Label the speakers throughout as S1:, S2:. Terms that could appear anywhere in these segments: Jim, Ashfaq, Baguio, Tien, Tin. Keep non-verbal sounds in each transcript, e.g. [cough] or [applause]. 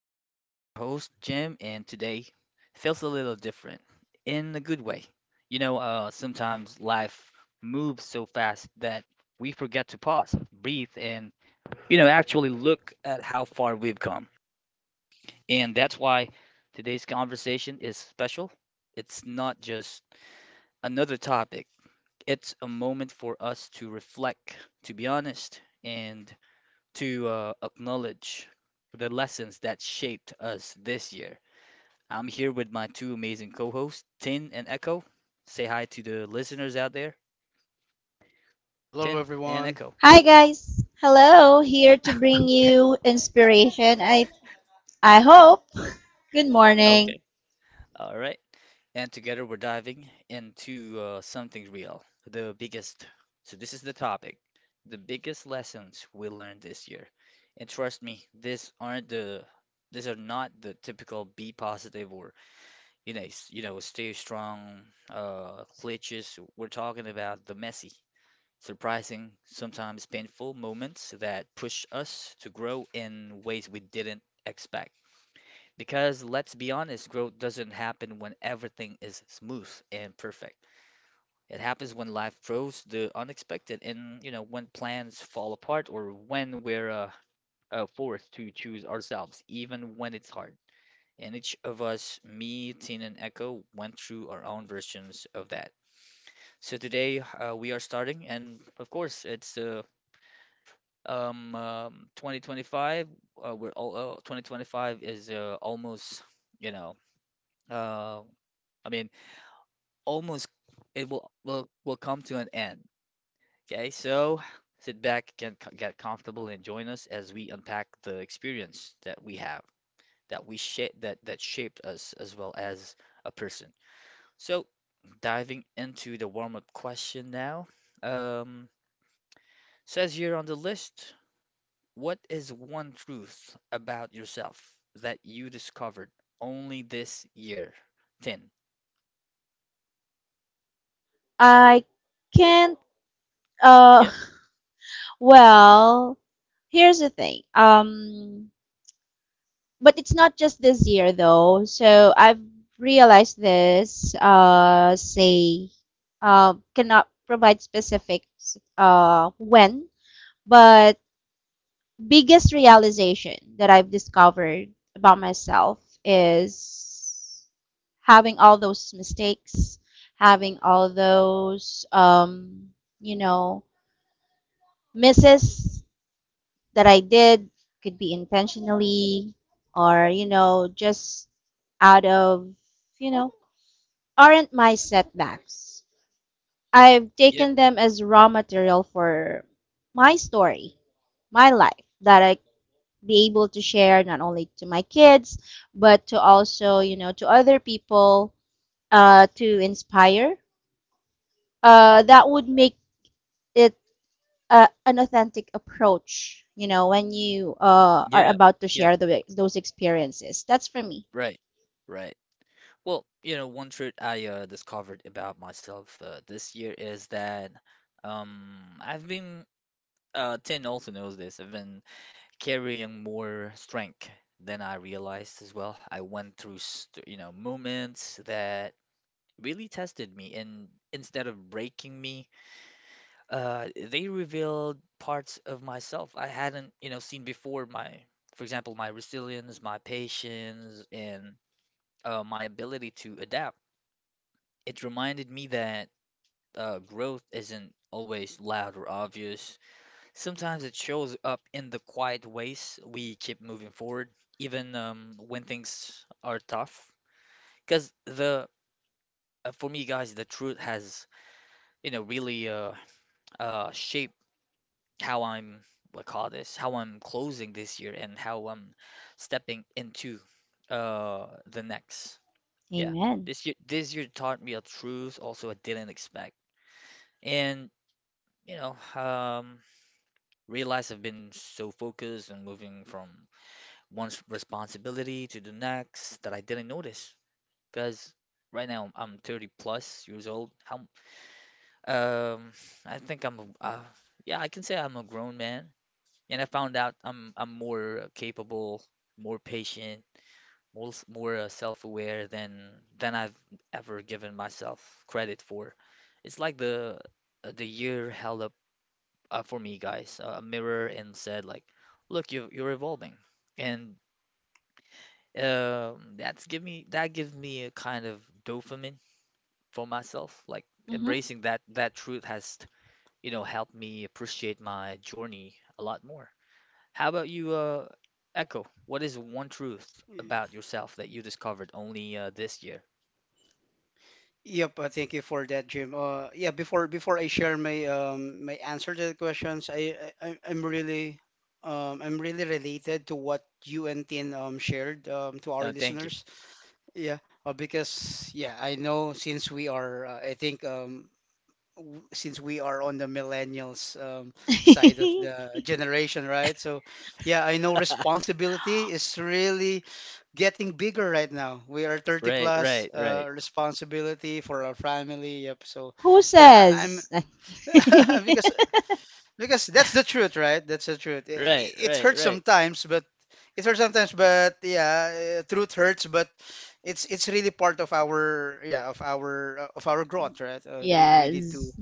S1: I'm back, I'm your host, Jim, and today feels a little different in a good way. Sometimes life moves so fast that we forget to pause, breathe, and, actually look at how far we've come. And that's why today's conversation is special. It's not just another topic, it's a moment for us to reflect, to be honest, and to acknowledge the lessons that shaped us this year. I'm here with my two amazing co hosts, Tin and Echo. Say hi to the listeners out there, Tin
S2: Hello,
S1: and Echo.
S2: everyone.
S3: Hi guys. Hello, here to bring
S1: [laughs]
S3: you inspiration. I hope. [laughs] Good morning.
S1: Okay. All right. And together we're diving into something real. The biggest. So, this is the topic: the biggest lessons we learned this year. And trust me, These are not the typical be positive or, you know, still strong glitches. We're talking about the messy, surprising, sometimes painful moments that push us to grow in ways we didn't expect. Because let's be honest, growth doesn't happen when everything is smooth and perfect. It happens when life throws the unexpected, and when plans fall apart, or when we're forced to choose ourselves, even when it's hard, and each of us, me, Tin, and Echo, went through our own versions of that. So today we are starting, and of course, it's 2025. We're all 2025 is almost, you know, uh, I mean, almost it will come to an end. Okay, so sit back, get comfortable, and join us as we unpack the experience that we have, that shaped us as well as a person. So, diving into the warm-up question now. Um, Says here on the list, what is one truth about yourself that you discovered only this year? 10.
S3: I can't uh
S1: Yep,
S3: well, here's the thing. But it's not just this year though. So I've realized this say cannot provide specifics when, but biggest realization that I've discovered about myself is having all those mistakes, having all those, you know, misses that I did, could be intentionally or, you know, just out of, you know, aren't my setbacks. I've
S1: yep,
S3: taken them as raw material for my story, my life, that I be able to share not only to my kids but to also you know to other people to inspire that would make it an authentic approach you know when you are
S1: yep,
S3: about to
S1: yep.
S3: share those experiences. That's for me.
S1: Right, right. Well, you know, one truth I discovered about myself this year is that um, I've been Tin also knows this. I've been carrying more strength than I realized as well. I went through, moments that really tested me, and instead of breaking me, they revealed parts of myself I hadn't, seen before. For example, my resilience, my patience, and my ability to adapt. It reminded me that growth isn't always loud or obvious. Sometimes it shows up in the quiet ways we keep moving forward, even when things are tough. Because the For me, guys, the truth has, you know, really shaped how I'm what call this, how I'm closing this year and how I'm stepping into the next. Yeah,
S3: Amen.
S1: this year taught me a truth also I didn't expect, and you know, um, realize I've been so focused on moving from one's responsibility to the next that I didn't notice. Because right now I'm 30 plus years old. Um, I think yeah, I can say I'm a grown man. And I found out I'm more capable, more patient, more s- more self-aware than I've ever given myself credit for. It's like the year held up, for me, guys, a mirror and said like, look, you're evolving. And, that's give me, that gives me a kind of dopamine for myself. Like
S3: Hmm.
S1: embracing that truth has, you know, helped me appreciate my journey a lot more. How about you, Echo? What is one truth
S2: Yeah.
S1: about yourself that you discovered only this year?
S2: Yep, thank you for that, Jim. Yeah, before I share my my answer to the questions, I I- I'm really I'm really related to what you and Tin shared to our
S1: No, thank you.
S2: listeners. Yeah, because yeah, I know since we are I think since we are on the millennials, side of
S3: [laughs]
S2: the generation, right? So, yeah, I know responsibility is really getting bigger right now. We are 30
S1: Right, right,
S2: plus,
S1: right,
S2: responsibility for our family. Yep. So,
S3: Who
S2: yeah, I'm
S3: says?
S2: [laughs]
S3: [laughs]
S2: because because that's the truth, right? That's the truth.
S1: right,
S2: It
S1: right,
S2: hurts
S1: right,
S2: sometimes, but it hurts sometimes, but yeah, truth hurts, but it's really part of our of our of our growth, right?
S3: Yes.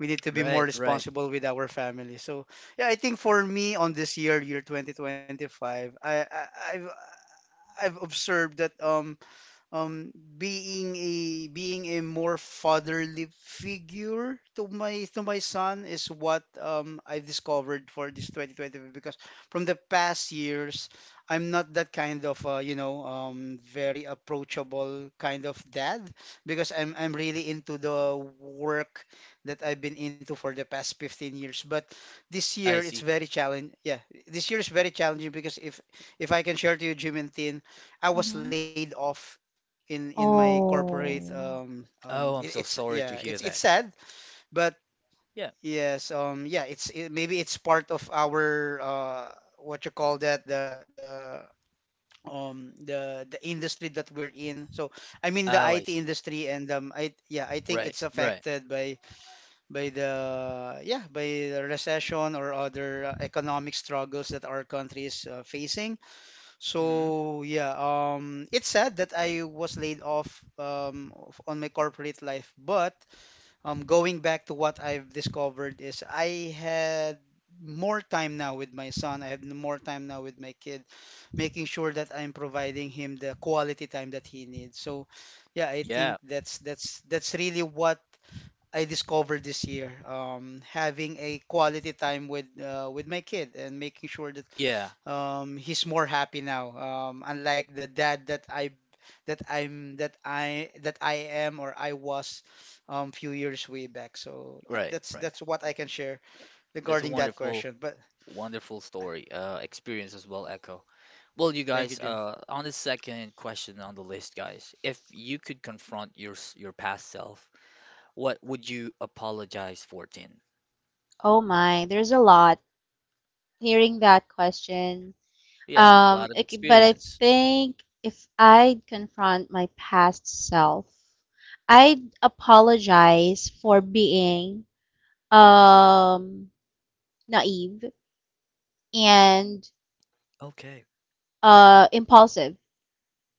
S2: We need to be more
S1: right, right.
S2: responsible with our family. So yeah, I think for me on this year, year 2025, I've I've observed that being a being a more fatherly figure to my son is what I discovered for this 2020 because from the past years I'm not that kind of you know very approachable kind of dad because I'm really into the work that I've been into for the past 15 years. But this year
S1: I
S2: it's
S1: see.
S2: very challenging, yeah, this year is very challenging because if I can share to you Jim and Tin, I was
S3: Hmm.
S2: laid off in my corporate.
S3: Oh,
S2: It's,
S1: Oh, I'm
S2: yeah,
S1: so
S2: it's
S1: sorry to
S2: sad,
S1: hear that.
S2: but
S1: Yeah.
S2: yes, yeah, it, maybe it's part of our what you call that, the the industry that we're in. So I mean the
S1: Oh, I
S2: IT
S1: see.
S2: industry. And I yeah, I think
S1: Right,
S2: it's
S1: right.
S2: affected by the, yeah, by the recession or other economic struggles that our country is facing.
S1: Hmm.
S2: So yeah, it's sad that I was laid off on my corporate life, but going back to what I've discovered is I had more time now with my son. I have more time now with my kid, making sure that I'm providing him the quality time that he needs. So yeah, I
S1: Yeah,
S2: think that's really what I discovered this year. Having a quality time with my kid and making sure that
S1: yeah.
S2: he's more happy now, um, unlike the dad that I that I'm that I am or I was few years way back. So yep,
S1: Right, right.
S2: that's what I can share
S1: That's a
S2: regarding that
S1: wonderful.
S2: question, but
S1: Wonderful story, experience as well, Echo. Well, you
S2: thank you,
S1: guys,
S2: Jim.
S1: on the second question on the list, guys, if you could confront your past self, what would you apologize for, Tin?
S3: oh my, there's a lot. Hearing that question.
S1: Yeah, a
S3: Um,
S1: lot of
S3: it, c- but I
S1: experience.
S3: think if I'd confront my past self, I'd apologize for being um naive and
S1: Okay.
S3: impulsive,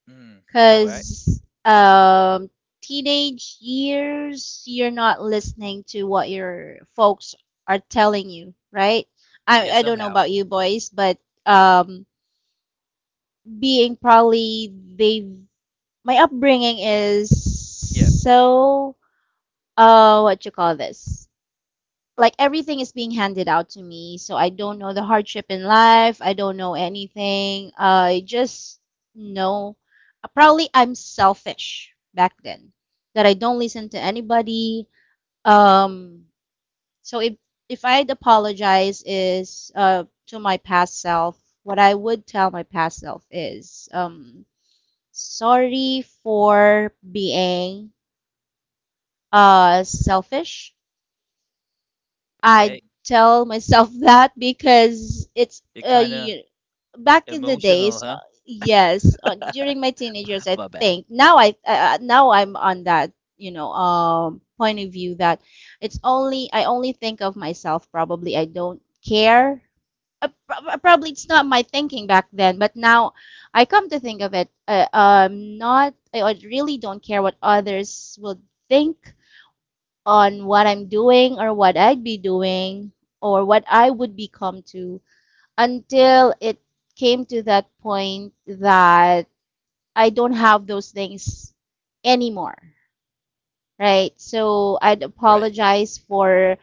S1: Mm, all right.
S3: because teenage years you're not listening to what your folks are telling you, right?
S1: Yeah,
S3: I don't know
S1: somehow.
S3: about you boys, but um being probably they've my upbringing is
S1: Yeah.
S3: so what you call this, like everything is being handed out to me, so I don't know the hardship in life, I don't know anything, I just know probably I'm selfish back then, that I don't listen to anybody. Um so if if I'd apologize is to my past self, what I would tell my past self is sorry for being selfish. I
S1: Okay.
S3: tell myself [laughs] that, because it's
S1: You're kind of
S3: you, back in the
S1: emotional,
S3: days,
S1: huh?
S3: yes, during my teenage years.
S1: [laughs]
S3: I
S1: My bad.
S3: think now I now I'm on that you know point of view that it's only I only think of myself. Probably I don't care. Probably it's not my thinking back then, but now I come to think of it, not I I really don't care what others will think on what I'm doing or what I'd be doing or what I would become to, until it came to that point that I don't have those things anymore, right? So I'd
S1: Right.
S3: apologize for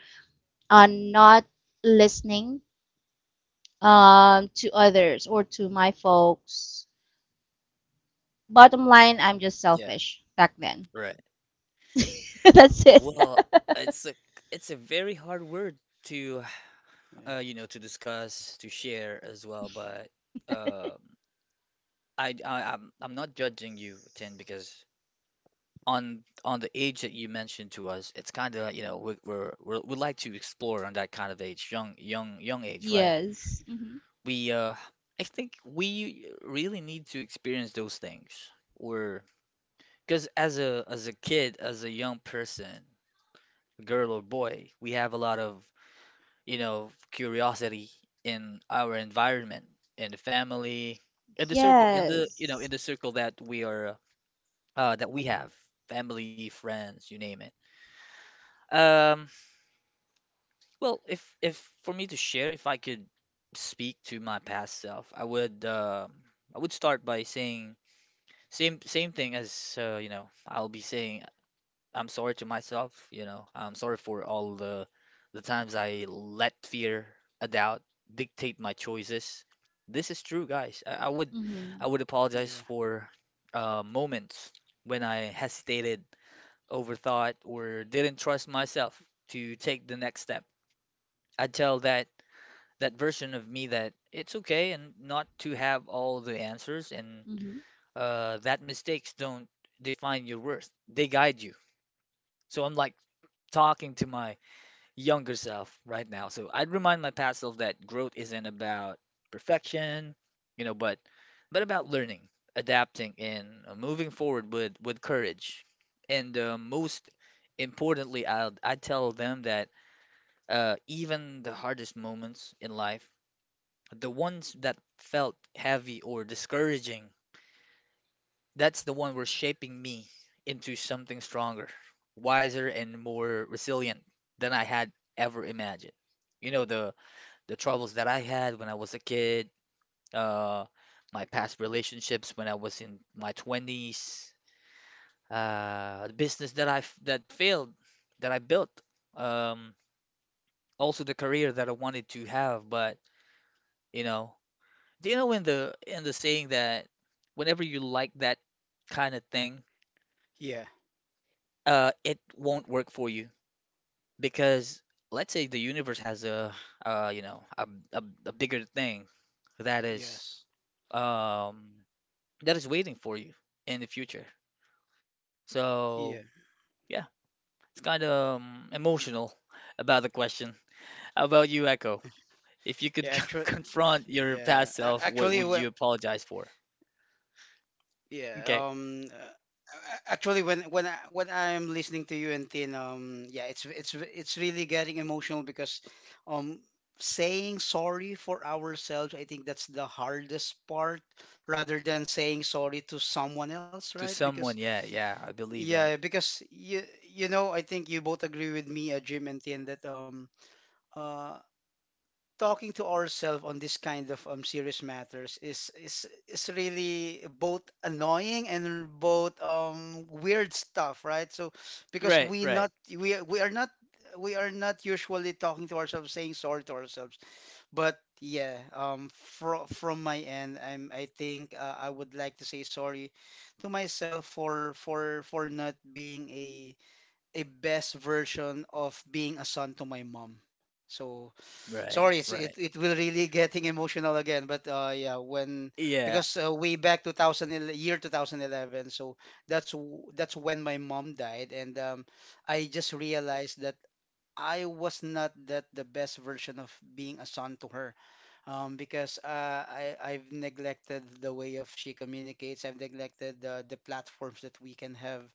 S3: not listening to others or to my folks. Bottom line, I'm just
S1: Yeah.
S3: selfish back then.
S1: Right.
S3: [laughs] That's it.
S2: Yeah,
S1: Well,
S3: [laughs]
S1: it's a it's a very hard word to, [sighs]
S2: yeah,
S1: you know, to discuss, to share as well, but. um I, I'm not judging you, Tin, because on the age that you mentioned to us, it's kind of, you know, we're we like to explore on that kind of age, young age, right?
S3: Yes. Hmm.
S1: We I think we really need to experience those things, or because as a, as a kid, as a young person, girl or boy, we have a lot of, you know, curiosity in our environment, in the family, in the circle, in the you know
S3: Yes.
S1: in the circle that we are that we have, family friends you name it. um well, if for me to share, if I could speak to my past self, I would, I would start by saying, same thing as, I'll be saying, I'm sorry to myself, you know, I'm sorry for all the times I let fear a doubt dictate my choices. This is true guys, I would I
S3: Hmm.
S1: would apologize
S2: yeah,
S1: for moments when I hesitated, overthought or didn't trust myself to take the next step. I tell that that version of me that it's okay and not to have all the answers and
S3: Hmm.
S1: that mistakes don't define your worth. They guide you. So I'm like talking to my younger self right now. So I'd remind my past self that growth isn't about perfection, you know, but about learning, adapting, and moving forward with courage. And most importantly, I tell them that even the hardest moments in life, the ones that felt heavy or discouraging, that's the one were shaping me into something stronger, wiser, and more resilient than I had ever imagined. You know, the troubles that I had when I was a kid, uh, my past relationships when I was in my 20s, the business that failed, that I built, um, also the career that I wanted to have. But you know, do you know in the saying that whenever you like that kind of thing,
S2: yeah,
S1: it won't work for you because let's say the universe has a, uh, you know a, a bigger thing that is
S2: yes.
S1: um that is waiting for you in the future. So
S2: Yeah.
S1: yeah, it's kind of emotional about the question. How about you, Echo? If you
S2: Yeah.
S1: could [laughs] confront your past self, what
S2: Actually,
S1: would
S2: when.
S1: you apologize for?
S2: Yeah.
S1: Okay,
S2: Actually, when I, when I'm listening to you and Tin, yeah, it's really getting emotional because, um, saying sorry for ourselves, I think that's the hardest part, rather than saying sorry to someone else, right?
S1: to
S2: Because
S1: someone, yeah, yeah, I believe
S2: yeah,
S1: that.
S2: because you know, I think you both agree with me, Jim and Tin, that uh, talking to ourselves on this kind of serious matters is really both annoying and both weird stuff, right? So because
S1: Right, right,
S2: we are not usually talking to ourselves, saying sorry to ourselves. But yeah, from my end, I think I would like to say sorry to myself for not being a best version of being a son to my mom. So
S1: right,
S2: sorry,
S1: right.
S2: it it will really getting emotional again. But yeah, when
S1: Yeah,
S2: because way back 2000 year 2011, so that's when my mom died, and I just realized that I was not that the best version of being a son to her, because I've neglected the way of she communicates. I've neglected the platforms that we can have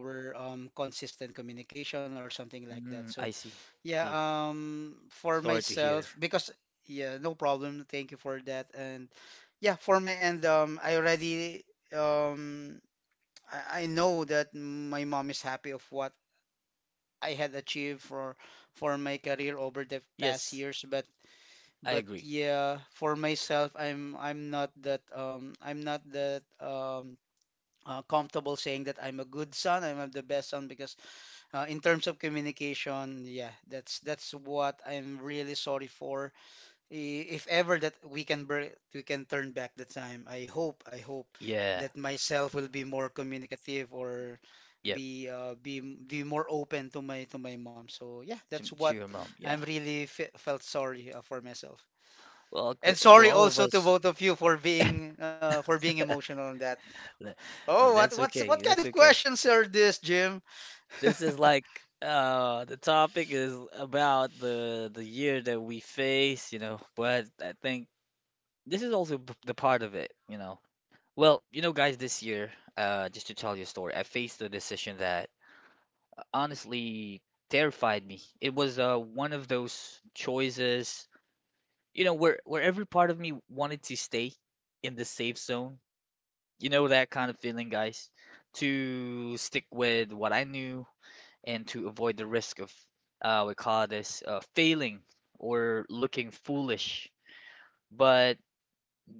S2: our consistent communication or something like that.
S1: mm,
S2: So, yeah,
S1: see.
S2: for
S1: Sorry to hear.
S2: myself, because yeah, no problem. Thank you for that. And yeah, for my end, I already um, I know that my mom is happy of what I had achieved for my career over the past
S1: Yes,
S2: years.
S1: I
S2: But
S1: agree.
S2: yeah, for myself, I'm not that comfortable saying that I'm a good son. I'm the best son because in terms of communication, yeah, that's what I'm really sorry for. If ever that we can we can turn back the time, I hope
S1: Yeah,
S2: that myself will be more communicative or
S1: yep.
S2: be be more open to my mom. So yeah, that's what
S1: To your mom,
S2: I'm
S1: yeah.
S2: really fe felt sorry for myself.
S1: Well,
S2: And
S1: well,
S2: sorry
S1: all of
S2: also to
S1: us.
S2: both of you for being
S1: [laughs]
S2: emotional on that.
S1: Th-
S2: Oh,
S1: That's
S2: what
S1: okay.
S2: kind
S1: That's
S2: of
S1: okay.
S2: questions are this, Jim?
S1: This is like the topic is about the year that we face, you know, but I think this is also the part of it, you know. Well, you know, guys, this year, just to tell you a story, I faced a decision that honestly terrified me. It was one of those choices, you know, where every part of me wanted to stay in the safe zone. You know that kind of feeling, guys, to stick with what I knew and to avoid the risk of, we call this failing or looking foolish. But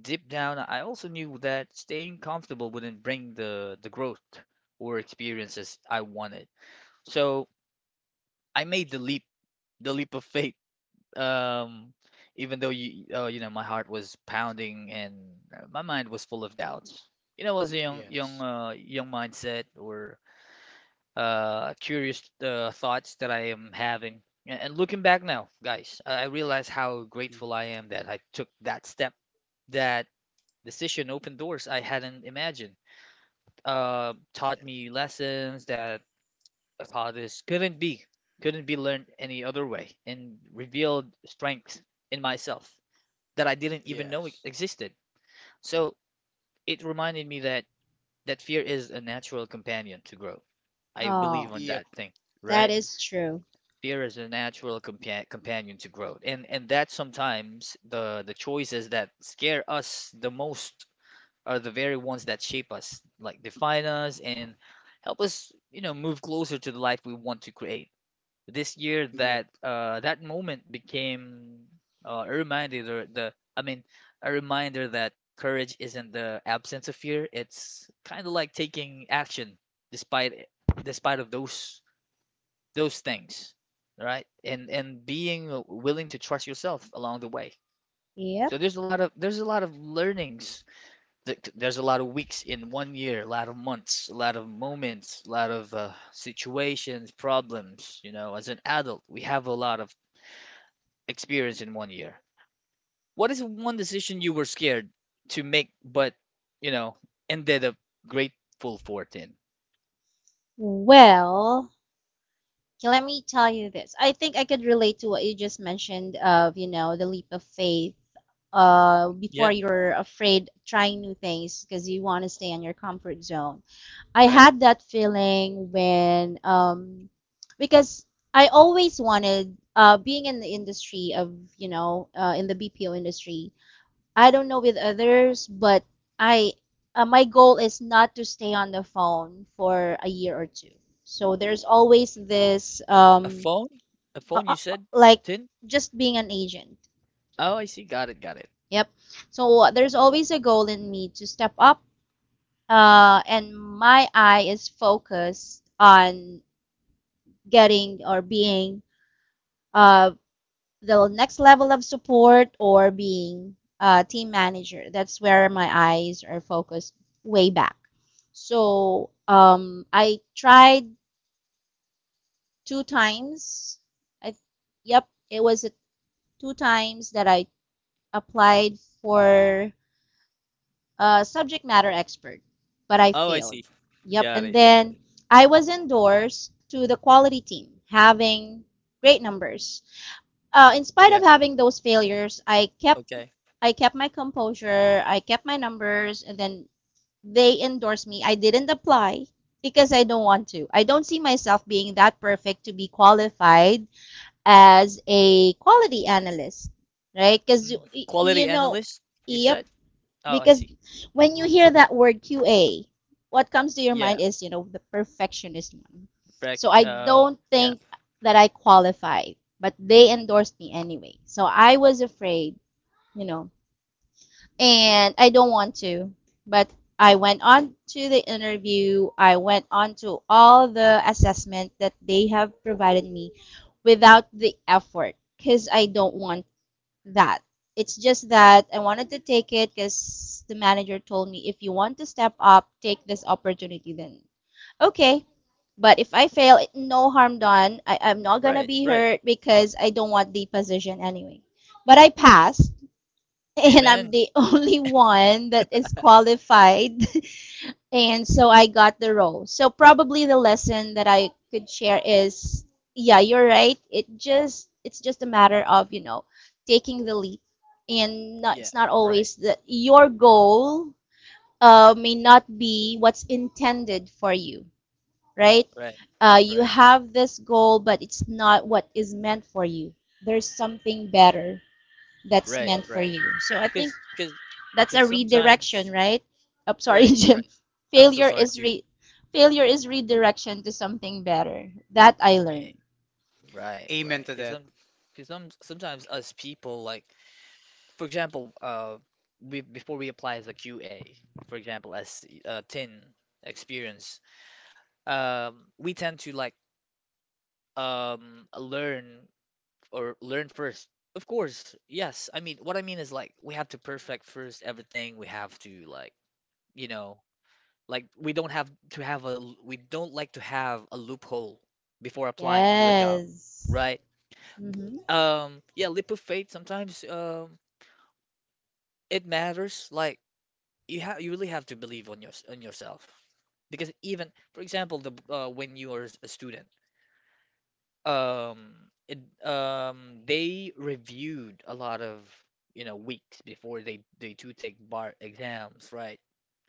S1: deep down, I also knew that staying comfortable wouldn't bring the growth or experiences I wanted. So I made the leap of faith. Um, even though you, you know, my heart was pounding and my mind was full of doubts. You know, was a
S2: Yes.
S1: young mindset or curious thoughts that I am having. And looking back now, guys, I realize how
S2: Mm.
S1: grateful I am that I took that step. That decision opened doors I hadn't imagined.
S2: Yeah.
S1: Taught me lessons that I thought this couldn't be learned any other way, and revealed strengths in myself that I didn't even know
S2: Yes.
S1: existed. So it reminded me that fear is a natural companion to growth. I believe
S3: Oh.
S1: on
S2: Yep.
S1: that thing,
S2: I
S3: That
S1: right?
S2: agree.
S3: is true.
S1: Fear is a natural companion to growth and that sometimes the choices that scare us the most are the very ones that shape us, like define us and help us, you know, move closer to the life we want to create. This year
S2: Yep.
S1: that that moment became uh, a reminder the the i mean a reminder that courage isn't the absence of fear, it's kind of like taking action despite, of those things, right? And being willing to trust yourself along the way.
S3: Yep.
S1: So there's a lot of learnings. There's a lot of weeks in one year, a lot of months, a lot of moments, a lot of situations, problems. You know, as an adult, we have a lot of experience in one year. What is one decision you were scared to make, but you know, ended up grateful for, Tin?
S3: Well, okay, let me tell you this. I think I could relate to what you just mentioned of, you know, the leap of faith,
S1: Yeah.
S3: before you're afraid trying new things because you want to stay in your comfort zone. I
S1: Right?
S3: had that feeling when, because I always wanted, being in the industry of, you know, in the BPO industry. I don't know with others, but I my goal is not to stay on the phone for a year or two. So there's always this
S1: A phone? A phone? You said,
S3: like
S1: Tin?
S3: just being an agent.
S1: Oh, I see. Got it. Got it.
S3: Yep. So there's always a goal in me to step up and my eye is focused on getting or being uh the next level of support or being a team manager. That's where my eyes are focused way back. So I tried two times. I yep, it was a, two times that I applied for a subject matter expert, but I
S1: Oh, I
S3: failed.
S1: see.
S3: Yep,
S1: Got
S3: and
S1: it, got
S3: then
S1: it.
S3: I was endorsed to the quality team, having great numbers. In spite of
S1: Yeah,
S3: having those failures,
S1: okay.
S3: I kept my composure, I kept my numbers, and then they endorsed me. I didn't apply because I don't want to. I don't see myself being that perfect to be qualified as a quality analyst, right? Because,
S1: Mm.
S3: you
S1: Quality
S3: know,
S1: analyst, you
S3: yep,
S1: said? Oh, I
S3: because
S1: see.
S3: when you hear that word QA, what comes to your mind
S1: Yeah,
S3: is, you know, the perfectionist one.
S1: back,
S3: So I don't
S1: yeah,
S3: think that I qualify, but they endorsed me anyway. So I was afraid, you know, and I don't want to. But I went on to the interview, I went on to all the assessment that they have provided me without the effort because I don't want that. It's just that I wanted to take it because the manager told me, if you want to step up, take this opportunity then. Okay. But if I fail, no harm done. I'm not going to
S1: right,
S3: be
S1: right.
S3: hurt because I don't want the position anyway. But I passed, and I'm
S1: Amen.
S3: the [laughs] only one that is qualified. [laughs] And so I got the role. So probably the lesson that I could share is, yeah, you're right. It's just a matter of, you know, taking the leap. And not,
S1: Yeah,
S3: it's not
S1: right,
S3: always that your goal may not be what's intended for you, right?
S1: right,
S3: You
S1: right,
S3: have this goal, but it's not what is meant for you. There's something better that's
S1: right,
S3: meant for
S1: right.
S3: you. So I think
S1: Cause, cause,
S3: that's a
S1: cause
S3: redirection,
S1: sometimes,
S3: right? I'm sorry, [laughs]
S1: right,
S3: Jim.
S1: right. I'm so
S3: Failure
S1: sorry
S3: is
S1: too.
S3: re failure is redirection to something better. That I
S1: Eh,
S3: learned.
S1: right,
S2: Amen
S1: right.
S2: to that.
S1: Sometimes us people like, for example, we before we apply as a QA, for example, as Tin experience, we tend to like, learn or learn first. Of course, yes, I mean, what I mean is like we have to perfect first everything, we have to like, you know, like we don't like to have a loophole before applying to a job,
S3: Yes.
S1: right?
S3: Hmm.
S1: Yeah, leap of faith sometimes, it matters, like you really have to believe on yourself. Because even, for example, the when you are a student, um it, they reviewed a lot of, you know, weeks before they do take bar exams, right?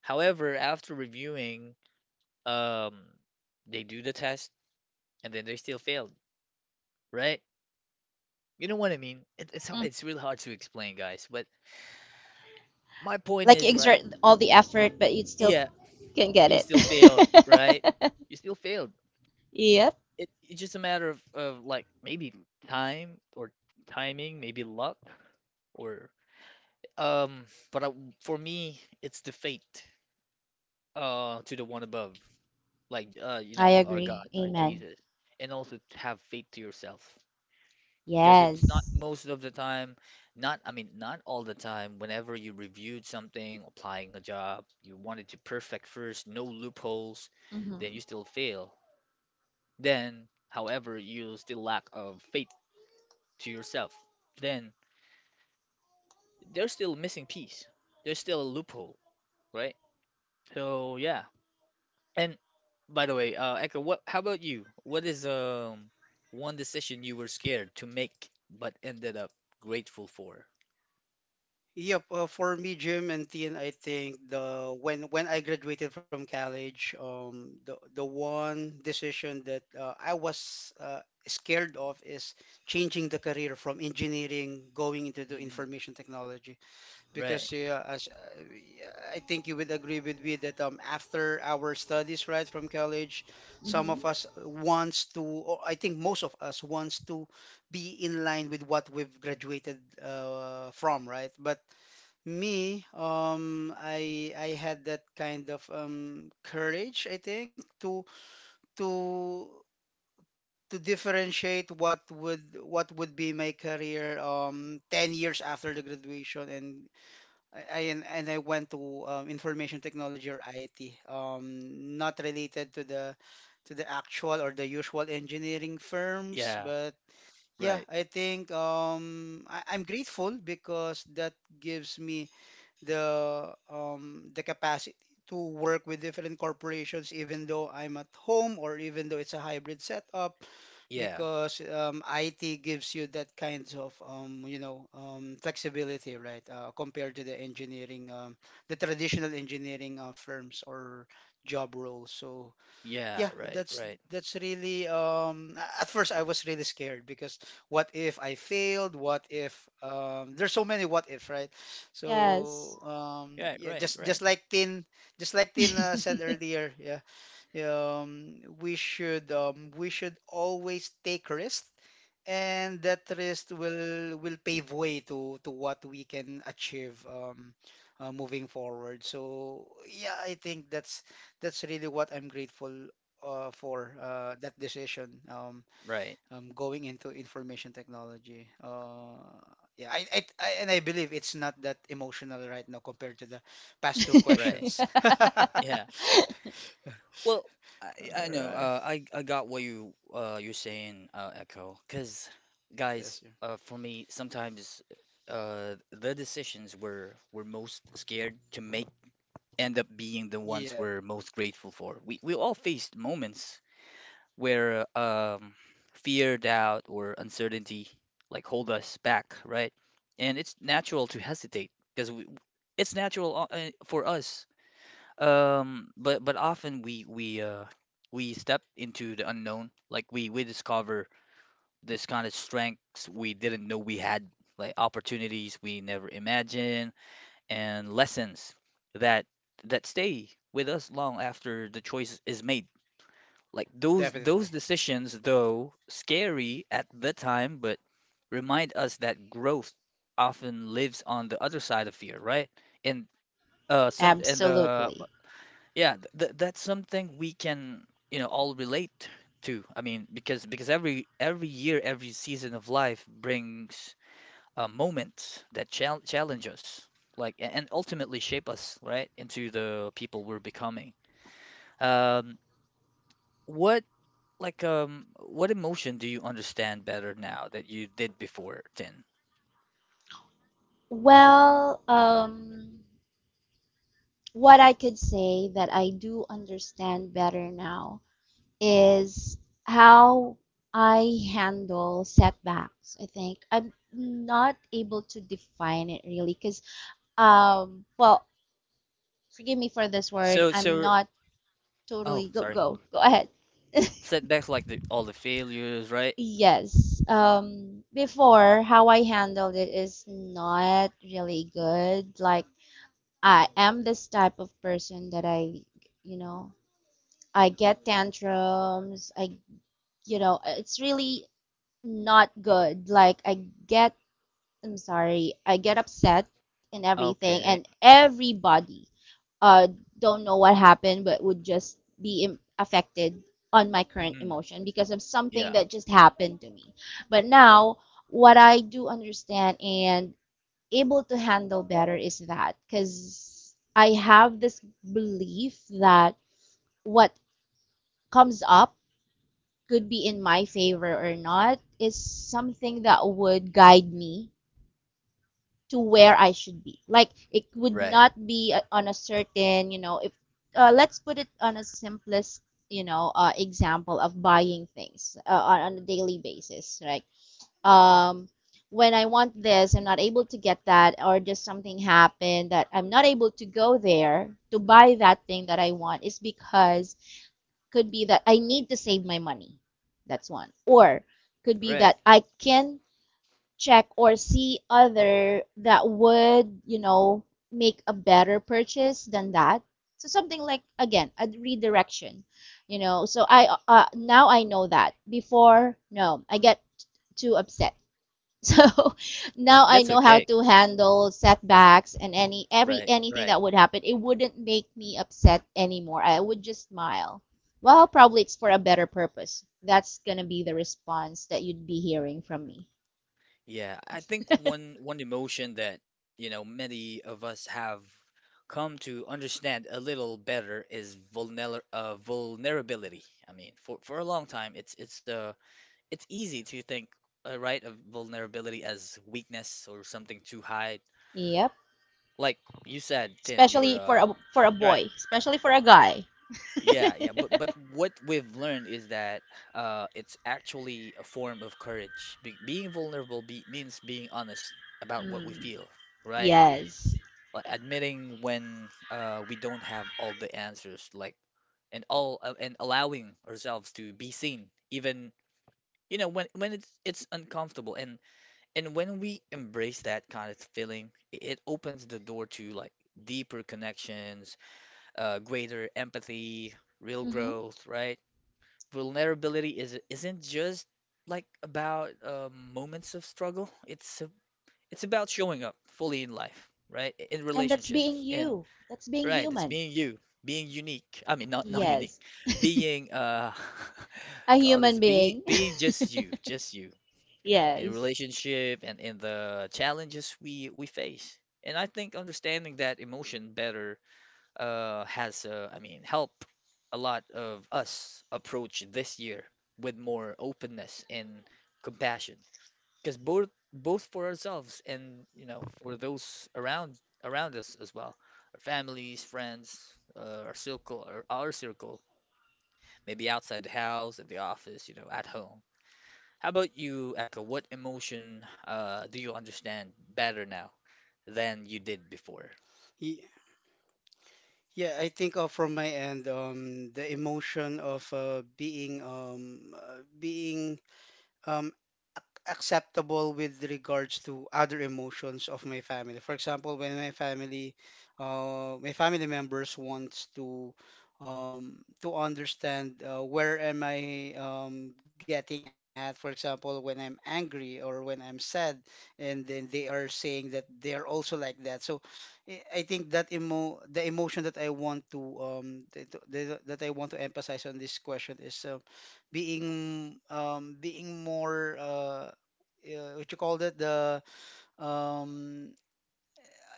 S1: However, after reviewing, um they do the test, and then they still failed, right? You know what I mean? It's hard,
S3: Mm.
S1: it's really hard to explain, guys, but my point
S3: Like you
S1: is
S3: exert
S1: like,
S3: all the effort, but you still
S1: yeah,
S3: can't get
S1: you
S3: it.
S1: still failed, right? You
S3: [laughs]
S1: still failed.
S3: Yep.
S1: It's just a matter of like maybe time, or timing, maybe luck, or... Um, but for me, it's the fate to the one above, like, you
S3: I
S1: know, our God,
S3: agree.
S1: our
S3: Amen.
S1: Jesus, and also to have faith to yourself. Because it's not
S3: Yes.
S1: most of the time, not, I mean, not all the time. Whenever you reviewed something, applying a job, you wanted to perfect first, no loopholes, then
S3: Hmm.
S1: you still fail. Then, however, you still lack of faith to yourself. Then there's still a missing piece. There's still a loophole, right? So yeah. And by the way, Echo, what? How about you? What is one decision you were scared to make but ended up grateful for?
S2: Yep, for me, Jim and Tien, I think the when I graduated from college, the one decision that I was scared of is changing the career from engineering going into the
S1: Mm-mm.
S2: information technology. Because
S1: Right.
S2: yeah, as, I think you would agree with me that after our studies, right, from college, some
S3: Hmm.
S2: of us wants to, or I think most of us wants to be in line with what we've graduated from, right? But me, I had that kind of courage, I think, to to differentiate what would be my career 10 years after the graduation. And I and I went to information technology or IT, not related to the actual or the usual engineering firms.
S1: Yeah.
S2: But yeah,
S1: Right.
S2: I think I'm grateful because that gives me the capacity to work with different corporations, even though I'm at home or even though it's a hybrid setup,
S1: Yeah.
S2: because IT gives you that kind of you know flexibility, right? Compared to the engineering, the traditional engineering firms or job roles. So
S1: Yeah.
S2: yeah,
S1: Right. Right.
S2: that's really at first I was really scared because what if I failed? What if there's so many what ifs, right?
S3: Yes.
S2: So
S1: Yeah.
S2: yeah,
S1: Right. Right.
S2: just like Tin said earlier, yeah, we should always take risks, and that risk will pave way to what we can achieve moving forward. So yeah, I think that's really what I'm grateful for that decision
S1: Right.
S2: going into information technology. Yeah, I and I believe it's not that emotional right now compared to the past two
S1: Right.
S2: questions. [laughs] All
S1: Yeah.
S3: [laughs]
S1: Well, I know.
S2: right.
S1: I got what you're saying, Echo. Cause, guys,
S2: Yes.
S1: for me, sometimes, the decisions we're most scared to make end up being the ones
S2: Yeah,
S1: we're most grateful for. We all faced moments where, fear, doubt, or uncertainty like hold us back, right? And it's natural to hesitate because it's natural, for us. But often we step into the unknown, like we discover this kind of strengths we didn't know we had, like opportunities we never imagined, and lessons that that stay with us long after the choice is made. Like those
S2: definitely.
S1: decisions, though scary at the time, but remind us that growth often lives on the other side of fear, right? And some and
S3: Absolutely.
S1: yeah, that's something we can, you know, all relate to. I mean, because every year, every season of life brings moments that challenge us, like, and ultimately shape us, right, into the people we're becoming. Um, what, what emotion do you understand better now that you did before then?
S3: Well, what I could say that I do understand better now is how I handle setbacks. I think I'm not able to define it really because, well, forgive me for this word.
S1: So,
S3: I'm
S1: so,
S3: not
S1: oh,
S3: totally
S1: sorry.
S3: go ahead.
S1: Setbacks like all the failures, right?
S3: Yes. Before, how I handled it is not really good. Like I am this type of person that you know, I get tantrums. I you know it's really not good, like I get, I'm sorry, I get upset, and everything,
S1: Okay.
S3: and everybody uh don't know what happened, but would just be Im- affected on my current
S1: Mhm.
S3: emotion because of something
S1: Yeah.
S3: that just happened to me. But now what I do understand and able to handle better is that because I have this belief that what comes up could be in my favor or not is something that would guide me to where I should be. Like it would
S1: Right.
S3: not be on a certain, you know, if let's put it on a simplest, you know, example of buying things on a daily basis, right? Um, when I want this, I'm not able to get that, or just something happened that I'm not able to go there to buy that thing that I want, is because could be that I need to save my money. That's one. Or could be
S1: Right.
S3: that I can check or see other that would, you know, make a better purchase than that. So something like again, a redirection, you know. So I now I know that. Before, no, I get too upset, so [laughs] now I
S1: That's
S3: know how
S1: okay.
S3: to handle setbacks and any every
S1: Right.
S3: anything
S1: Right.
S3: that would happen. It wouldn't make me upset anymore. I would just smile. Well, probably it's for a better purpose. That's gonna be the response that you'd be hearing from me.
S1: Yeah, I think one emotion that, you know, many of us have come to understand a little better is vulnerability. I mean, for a long time, it's easy to think, right, of vulnerability as weakness or something to hide.
S3: Yep.
S1: Like you said, Tin, you were
S3: Especially for a
S1: right.
S3: boy, especially for a guy.
S1: Yeah, yeah,
S3: [laughs]
S1: but what we've learned is that, it's actually a form of courage. Be Being vulnerable be means being honest about what we
S3: Mm,
S1: feel, right?
S3: yes.
S1: Like admitting when, we don't have all the answers, like, and allowing ourselves to be seen, even, you know, when it's uncomfortable, and when we embrace that kind of feeling, it opens the door to like deeper connections, greater empathy, real
S3: Hmm.
S1: growth, right? Vulnerability is isn't just like about, moments of struggle. It's about showing up fully in life, right? In
S3: And that's being
S1: relationships, in...
S3: you. That's being
S1: right. It's
S3: human.
S1: being you, being unique. I mean, not unique,
S3: Yes.
S1: being,
S3: A
S1: [laughs] God is
S3: human
S1: be
S3: being.
S1: being just you
S3: [laughs]
S1: in
S3: Yes.
S1: relationship and in the challenges we face. And I think understanding that emotion better, has, I mean, helped a lot of us approach this year with more openness and compassion, because both for ourselves and, you know, for those around us as well, our families, friends, our circle, our circle, maybe outside the house, at the office, you know, at home. How about you, Echo? What emotion, do you understand better now than you did before?
S2: Ye- Yeah, I think from my end, the emotion of being um, acceptable with regards to other emotions of my family. For example, when my family members wants to understand where am I getting at. For example, when I'm angry or when I'm sad, and then they are saying that they are also like that. So I think that emo the emotion that I want to that I want to emphasize on this question is being being more what you call that, the um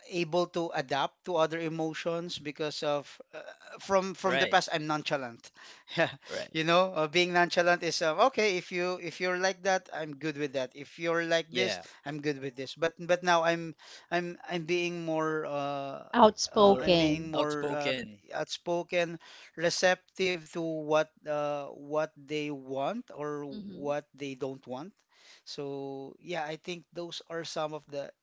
S2: able to adapt to other emotions because of uh, from the
S1: Right,
S2: past I'm nonchalant. [laughs] Yeah.
S1: right.
S2: You know, being nonchalant is okay. If you if you're like that, I'm good with that. If you're like this,
S1: Yeah.
S2: I'm good with this. But now I'm I'm being more uh,
S1: More,
S2: I'm being
S3: Outspoken.
S2: more
S1: outspoken.
S2: outspoken, receptive to what they want or
S3: Hmm.
S2: what they don't want. So yeah, I think those are some of the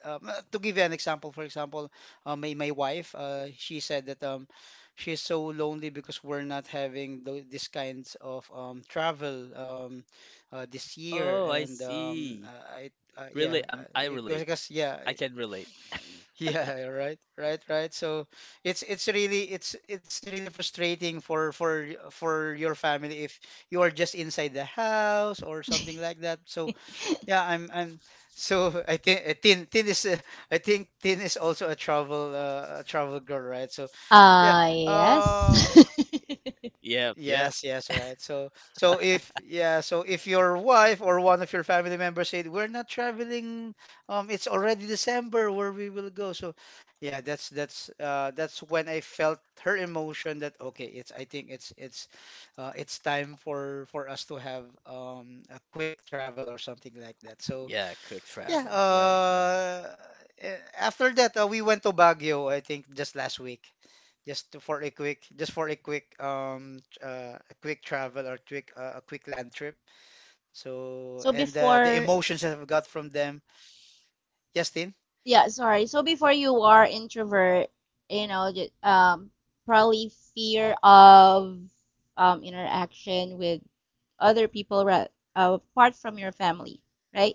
S2: to give you an example, for example, my wife, she said that she's so lonely because we're not having these kinds of travel this year.
S1: Oh, I
S2: And
S1: see.
S2: I yeah,
S1: Really, I relate.
S2: because, yeah,
S1: I can relate.
S2: [laughs] yeah, right, right, right. So it's really frustrating for your family if you are just inside the house or something like that. So yeah, I'm, so I think Tin is I think Tin is also a travel girl, right? So yeah. Uh,
S3: Yes. [laughs]
S1: Yep, yep.
S2: yes, yes, right. So so if yeah, so if your wife or one of your family members said we're not traveling, it's already December, where we will go. So yeah, that's when I felt her emotion that okay, it's I think it's time for us to have a quick travel or something like that. So
S1: Yeah, quick
S2: yeah,
S1: travel. Right, right.
S2: after that we went to Baguio, I think just last week, just to, for a quick, just for a quick, a quick travel or quick, a quick land trip. So,
S3: So
S2: and the
S3: before,
S2: emotions that I've got from them. Yes, Tin?
S3: yeah, sorry. So before you are introvert, you know, probably fear of interaction with other people apart from your family, right?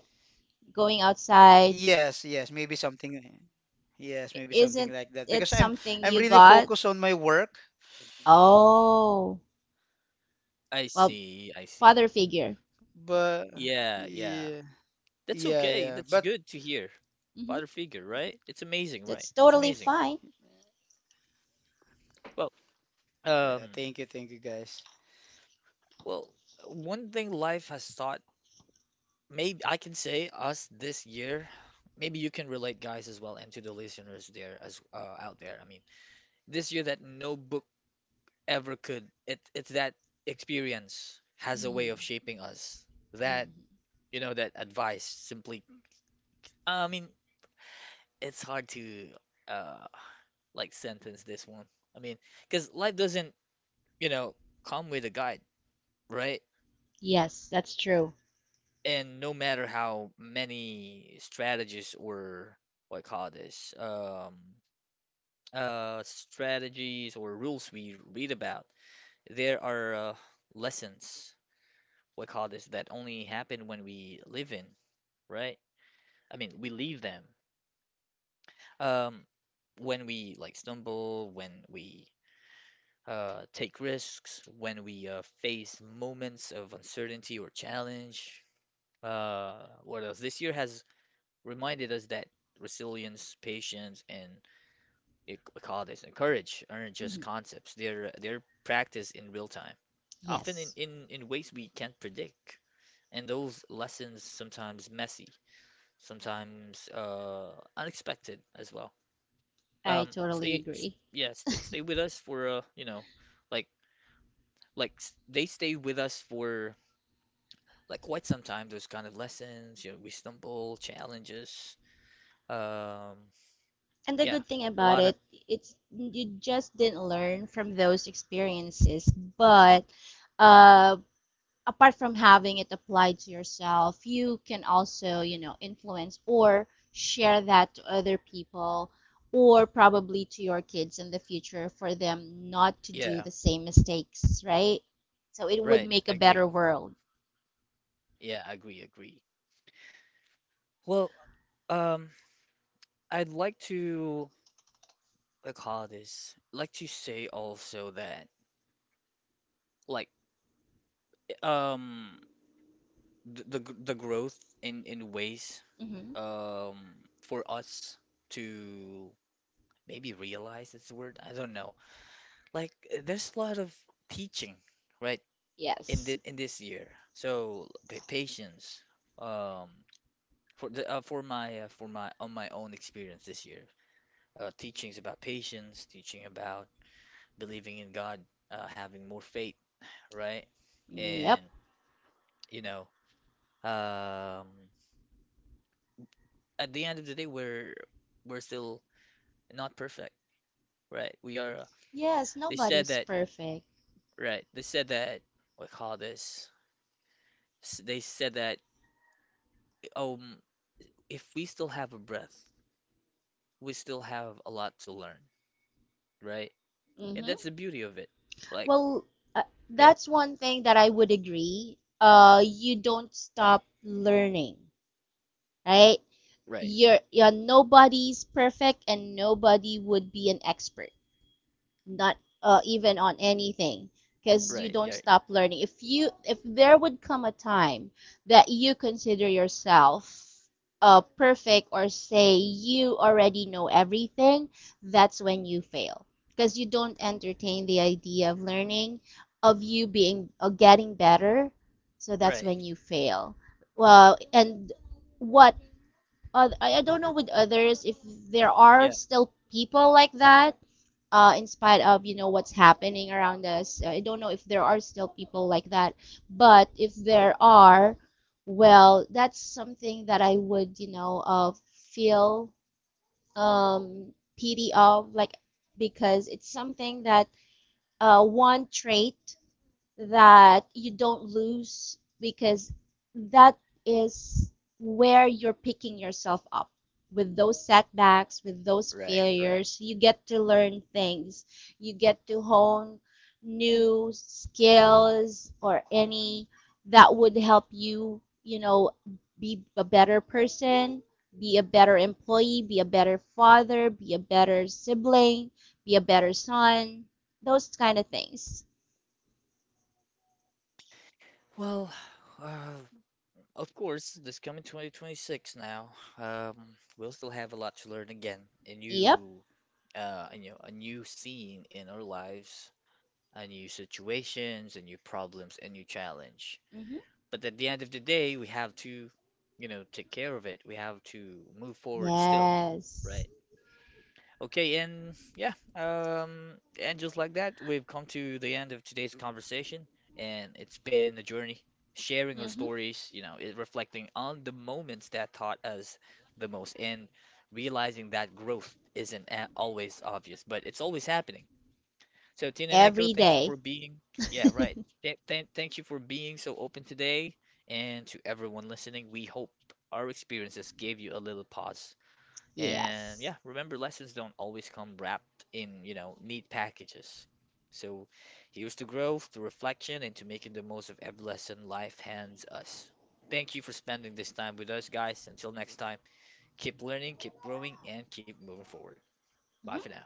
S3: Going outside,
S2: Yes, yes, maybe something. Yes,
S3: I-
S2: maybe something
S3: isn't
S2: like that.
S3: it
S2: Because
S3: something you
S2: I'm really
S3: got?
S2: focused on my work,
S3: Oh,
S1: I
S3: well,
S1: see, I
S3: father
S1: see.
S3: figure.
S2: but
S1: Yeah, yeah.
S2: yeah,
S1: That's
S2: yeah,
S1: okay.
S2: yeah.
S1: That's
S2: But
S1: good to hear.
S3: Hmm.
S1: Father figure, right? It's amazing, right?
S3: That's
S1: It's
S3: totally
S1: amazing.
S3: fine.
S1: Well,
S2: yeah,
S1: um,
S2: thank you guys.
S1: well, one thing life has taught, maybe I can say us this year. Maybe you can relate, guys, as well, and to the listeners there as out there. I mean, this year that no book ever could. It's that experience has a way of
S3: Hmm.
S1: shaping us. That,
S3: Hmm.
S1: you know, that advice simply. I mean, it's hard to, uh like, sentence this one. I mean, because life doesn't, you know, come with a guide, right?
S3: Yes, that's true.
S1: And no matter how many strategies, or what I call this, strategies or rules we read about, there are, lessons, what I call this, that only happen when we live in, right? I mean, we leave them. Um, when we like stumble, when we, take risks, when we, face moments of uncertainty or challenge. Uh, what else? This year has reminded us that resilience, patience, and it, we call this and courage aren't just
S3: Hmm.
S1: concepts. They're practiced in real time, often
S3: Yes.
S1: in ways we can't predict. And those lessons, sometimes messy, sometimes, unexpected as well.
S3: I totally agree.
S1: Yeah, stay with us for, you know, like, they stay with us for like quite some time. Those kind of lessons, you know, we stumble, challenges. Um,
S3: And the
S1: yeah,
S3: good thing
S1: a
S3: about
S1: lot of...
S3: it, it's you just didn't learn from those experiences, but uh, apart from having it applied to yourself, you can also, you know, influence or share that to other people, or probably to your kids in the future, for them not to do
S1: yeah,
S3: the same mistakes, right? So it would
S1: right.
S3: make
S1: I
S3: a better
S1: agree.
S3: world.
S1: Yeah, I agree, agree. Well, um, I'd like to, call this, like, to say also that, like, um the growth in ways,
S3: Hmm.
S1: um for us to maybe realize, it's a word. I don't know. Like, there's a lot of teaching, right,
S3: Yes.
S1: in this year. So, pa patience. Um, for my on my own experience this year, teachings about patience, teaching about believing in God, having more faith, right?
S3: Yep.
S1: And, you know, um, at the end of the day, we're still not perfect, right? We are.
S3: Yes,
S1: They said
S3: nobody's
S1: that,
S3: perfect.
S1: right? They said that. We call this s- They said that, um if we still have a breath, we still have a lot to learn, right? And
S3: Hmm.
S1: that's the beauty of it. Like,
S3: Well, uh,
S1: yeah,
S3: that's one thing that I would agree. You don't stop learning, right?
S1: right,
S3: You're nobody's perfect, and nobody would be an expert not even on anything, because you
S1: right,
S3: don't
S1: yeah,
S3: stop learning. If you, if there would come a time that you consider yourself perfect, or say you already know everything, that's when you fail, because you don't entertain the idea of learning, of you being or getting better. So that's
S1: right,
S3: when you fail. Well, and what I don't know with others if there are
S1: yeah,
S3: still people like that in spite of you know what's happening around us. I don't know if there are still people like that, but if there are, well, that's something that I would you know feel um, pity of, like, because it's something that one trait that you don't lose, because that is where you're picking yourself up with those setbacks, with those
S1: right, right.
S3: failures. You get to learn things, you get to hone new skills or any that would help you, you know, be a better person, be a better employee, be a better father, be a better sibling, be a better son, those kind of things.
S1: Well, [sighs] uh, of course, this coming 2026 now, um, we'll still have a lot to learn again. A
S3: Yep.
S1: new, you know, a new scene in our lives, a new situations, a new problems, a new challenge.
S3: Hmm.
S1: But at the end of the day, we have to, you know, take care of it. We have to move forward still,
S3: Yes.
S1: right? Okay, and yeah, and just like that, we've come to the end of today's conversation, and it's been a journey, sharing our
S3: Mm-hmm.
S1: stories, you know, it reflecting on the moments that taught us the most, and realizing that growth isn't always obvious, but it's always happening. So, Tin and Echo,
S3: Every
S1: thank you
S3: day.
S1: for being... yeah,
S3: [laughs]
S1: right. Thank you for being so open today. And to everyone listening, we hope our experiences gave you a little pause. And
S3: Yes.
S1: yeah, remember, lessons don't always come wrapped in, you know, neat packages. So, here's to growth, to reflection, and to making the most of every lesson life hands us. Thank you for spending this time with us, guys. Until next time, keep learning, keep growing, and keep moving forward. Bye for now.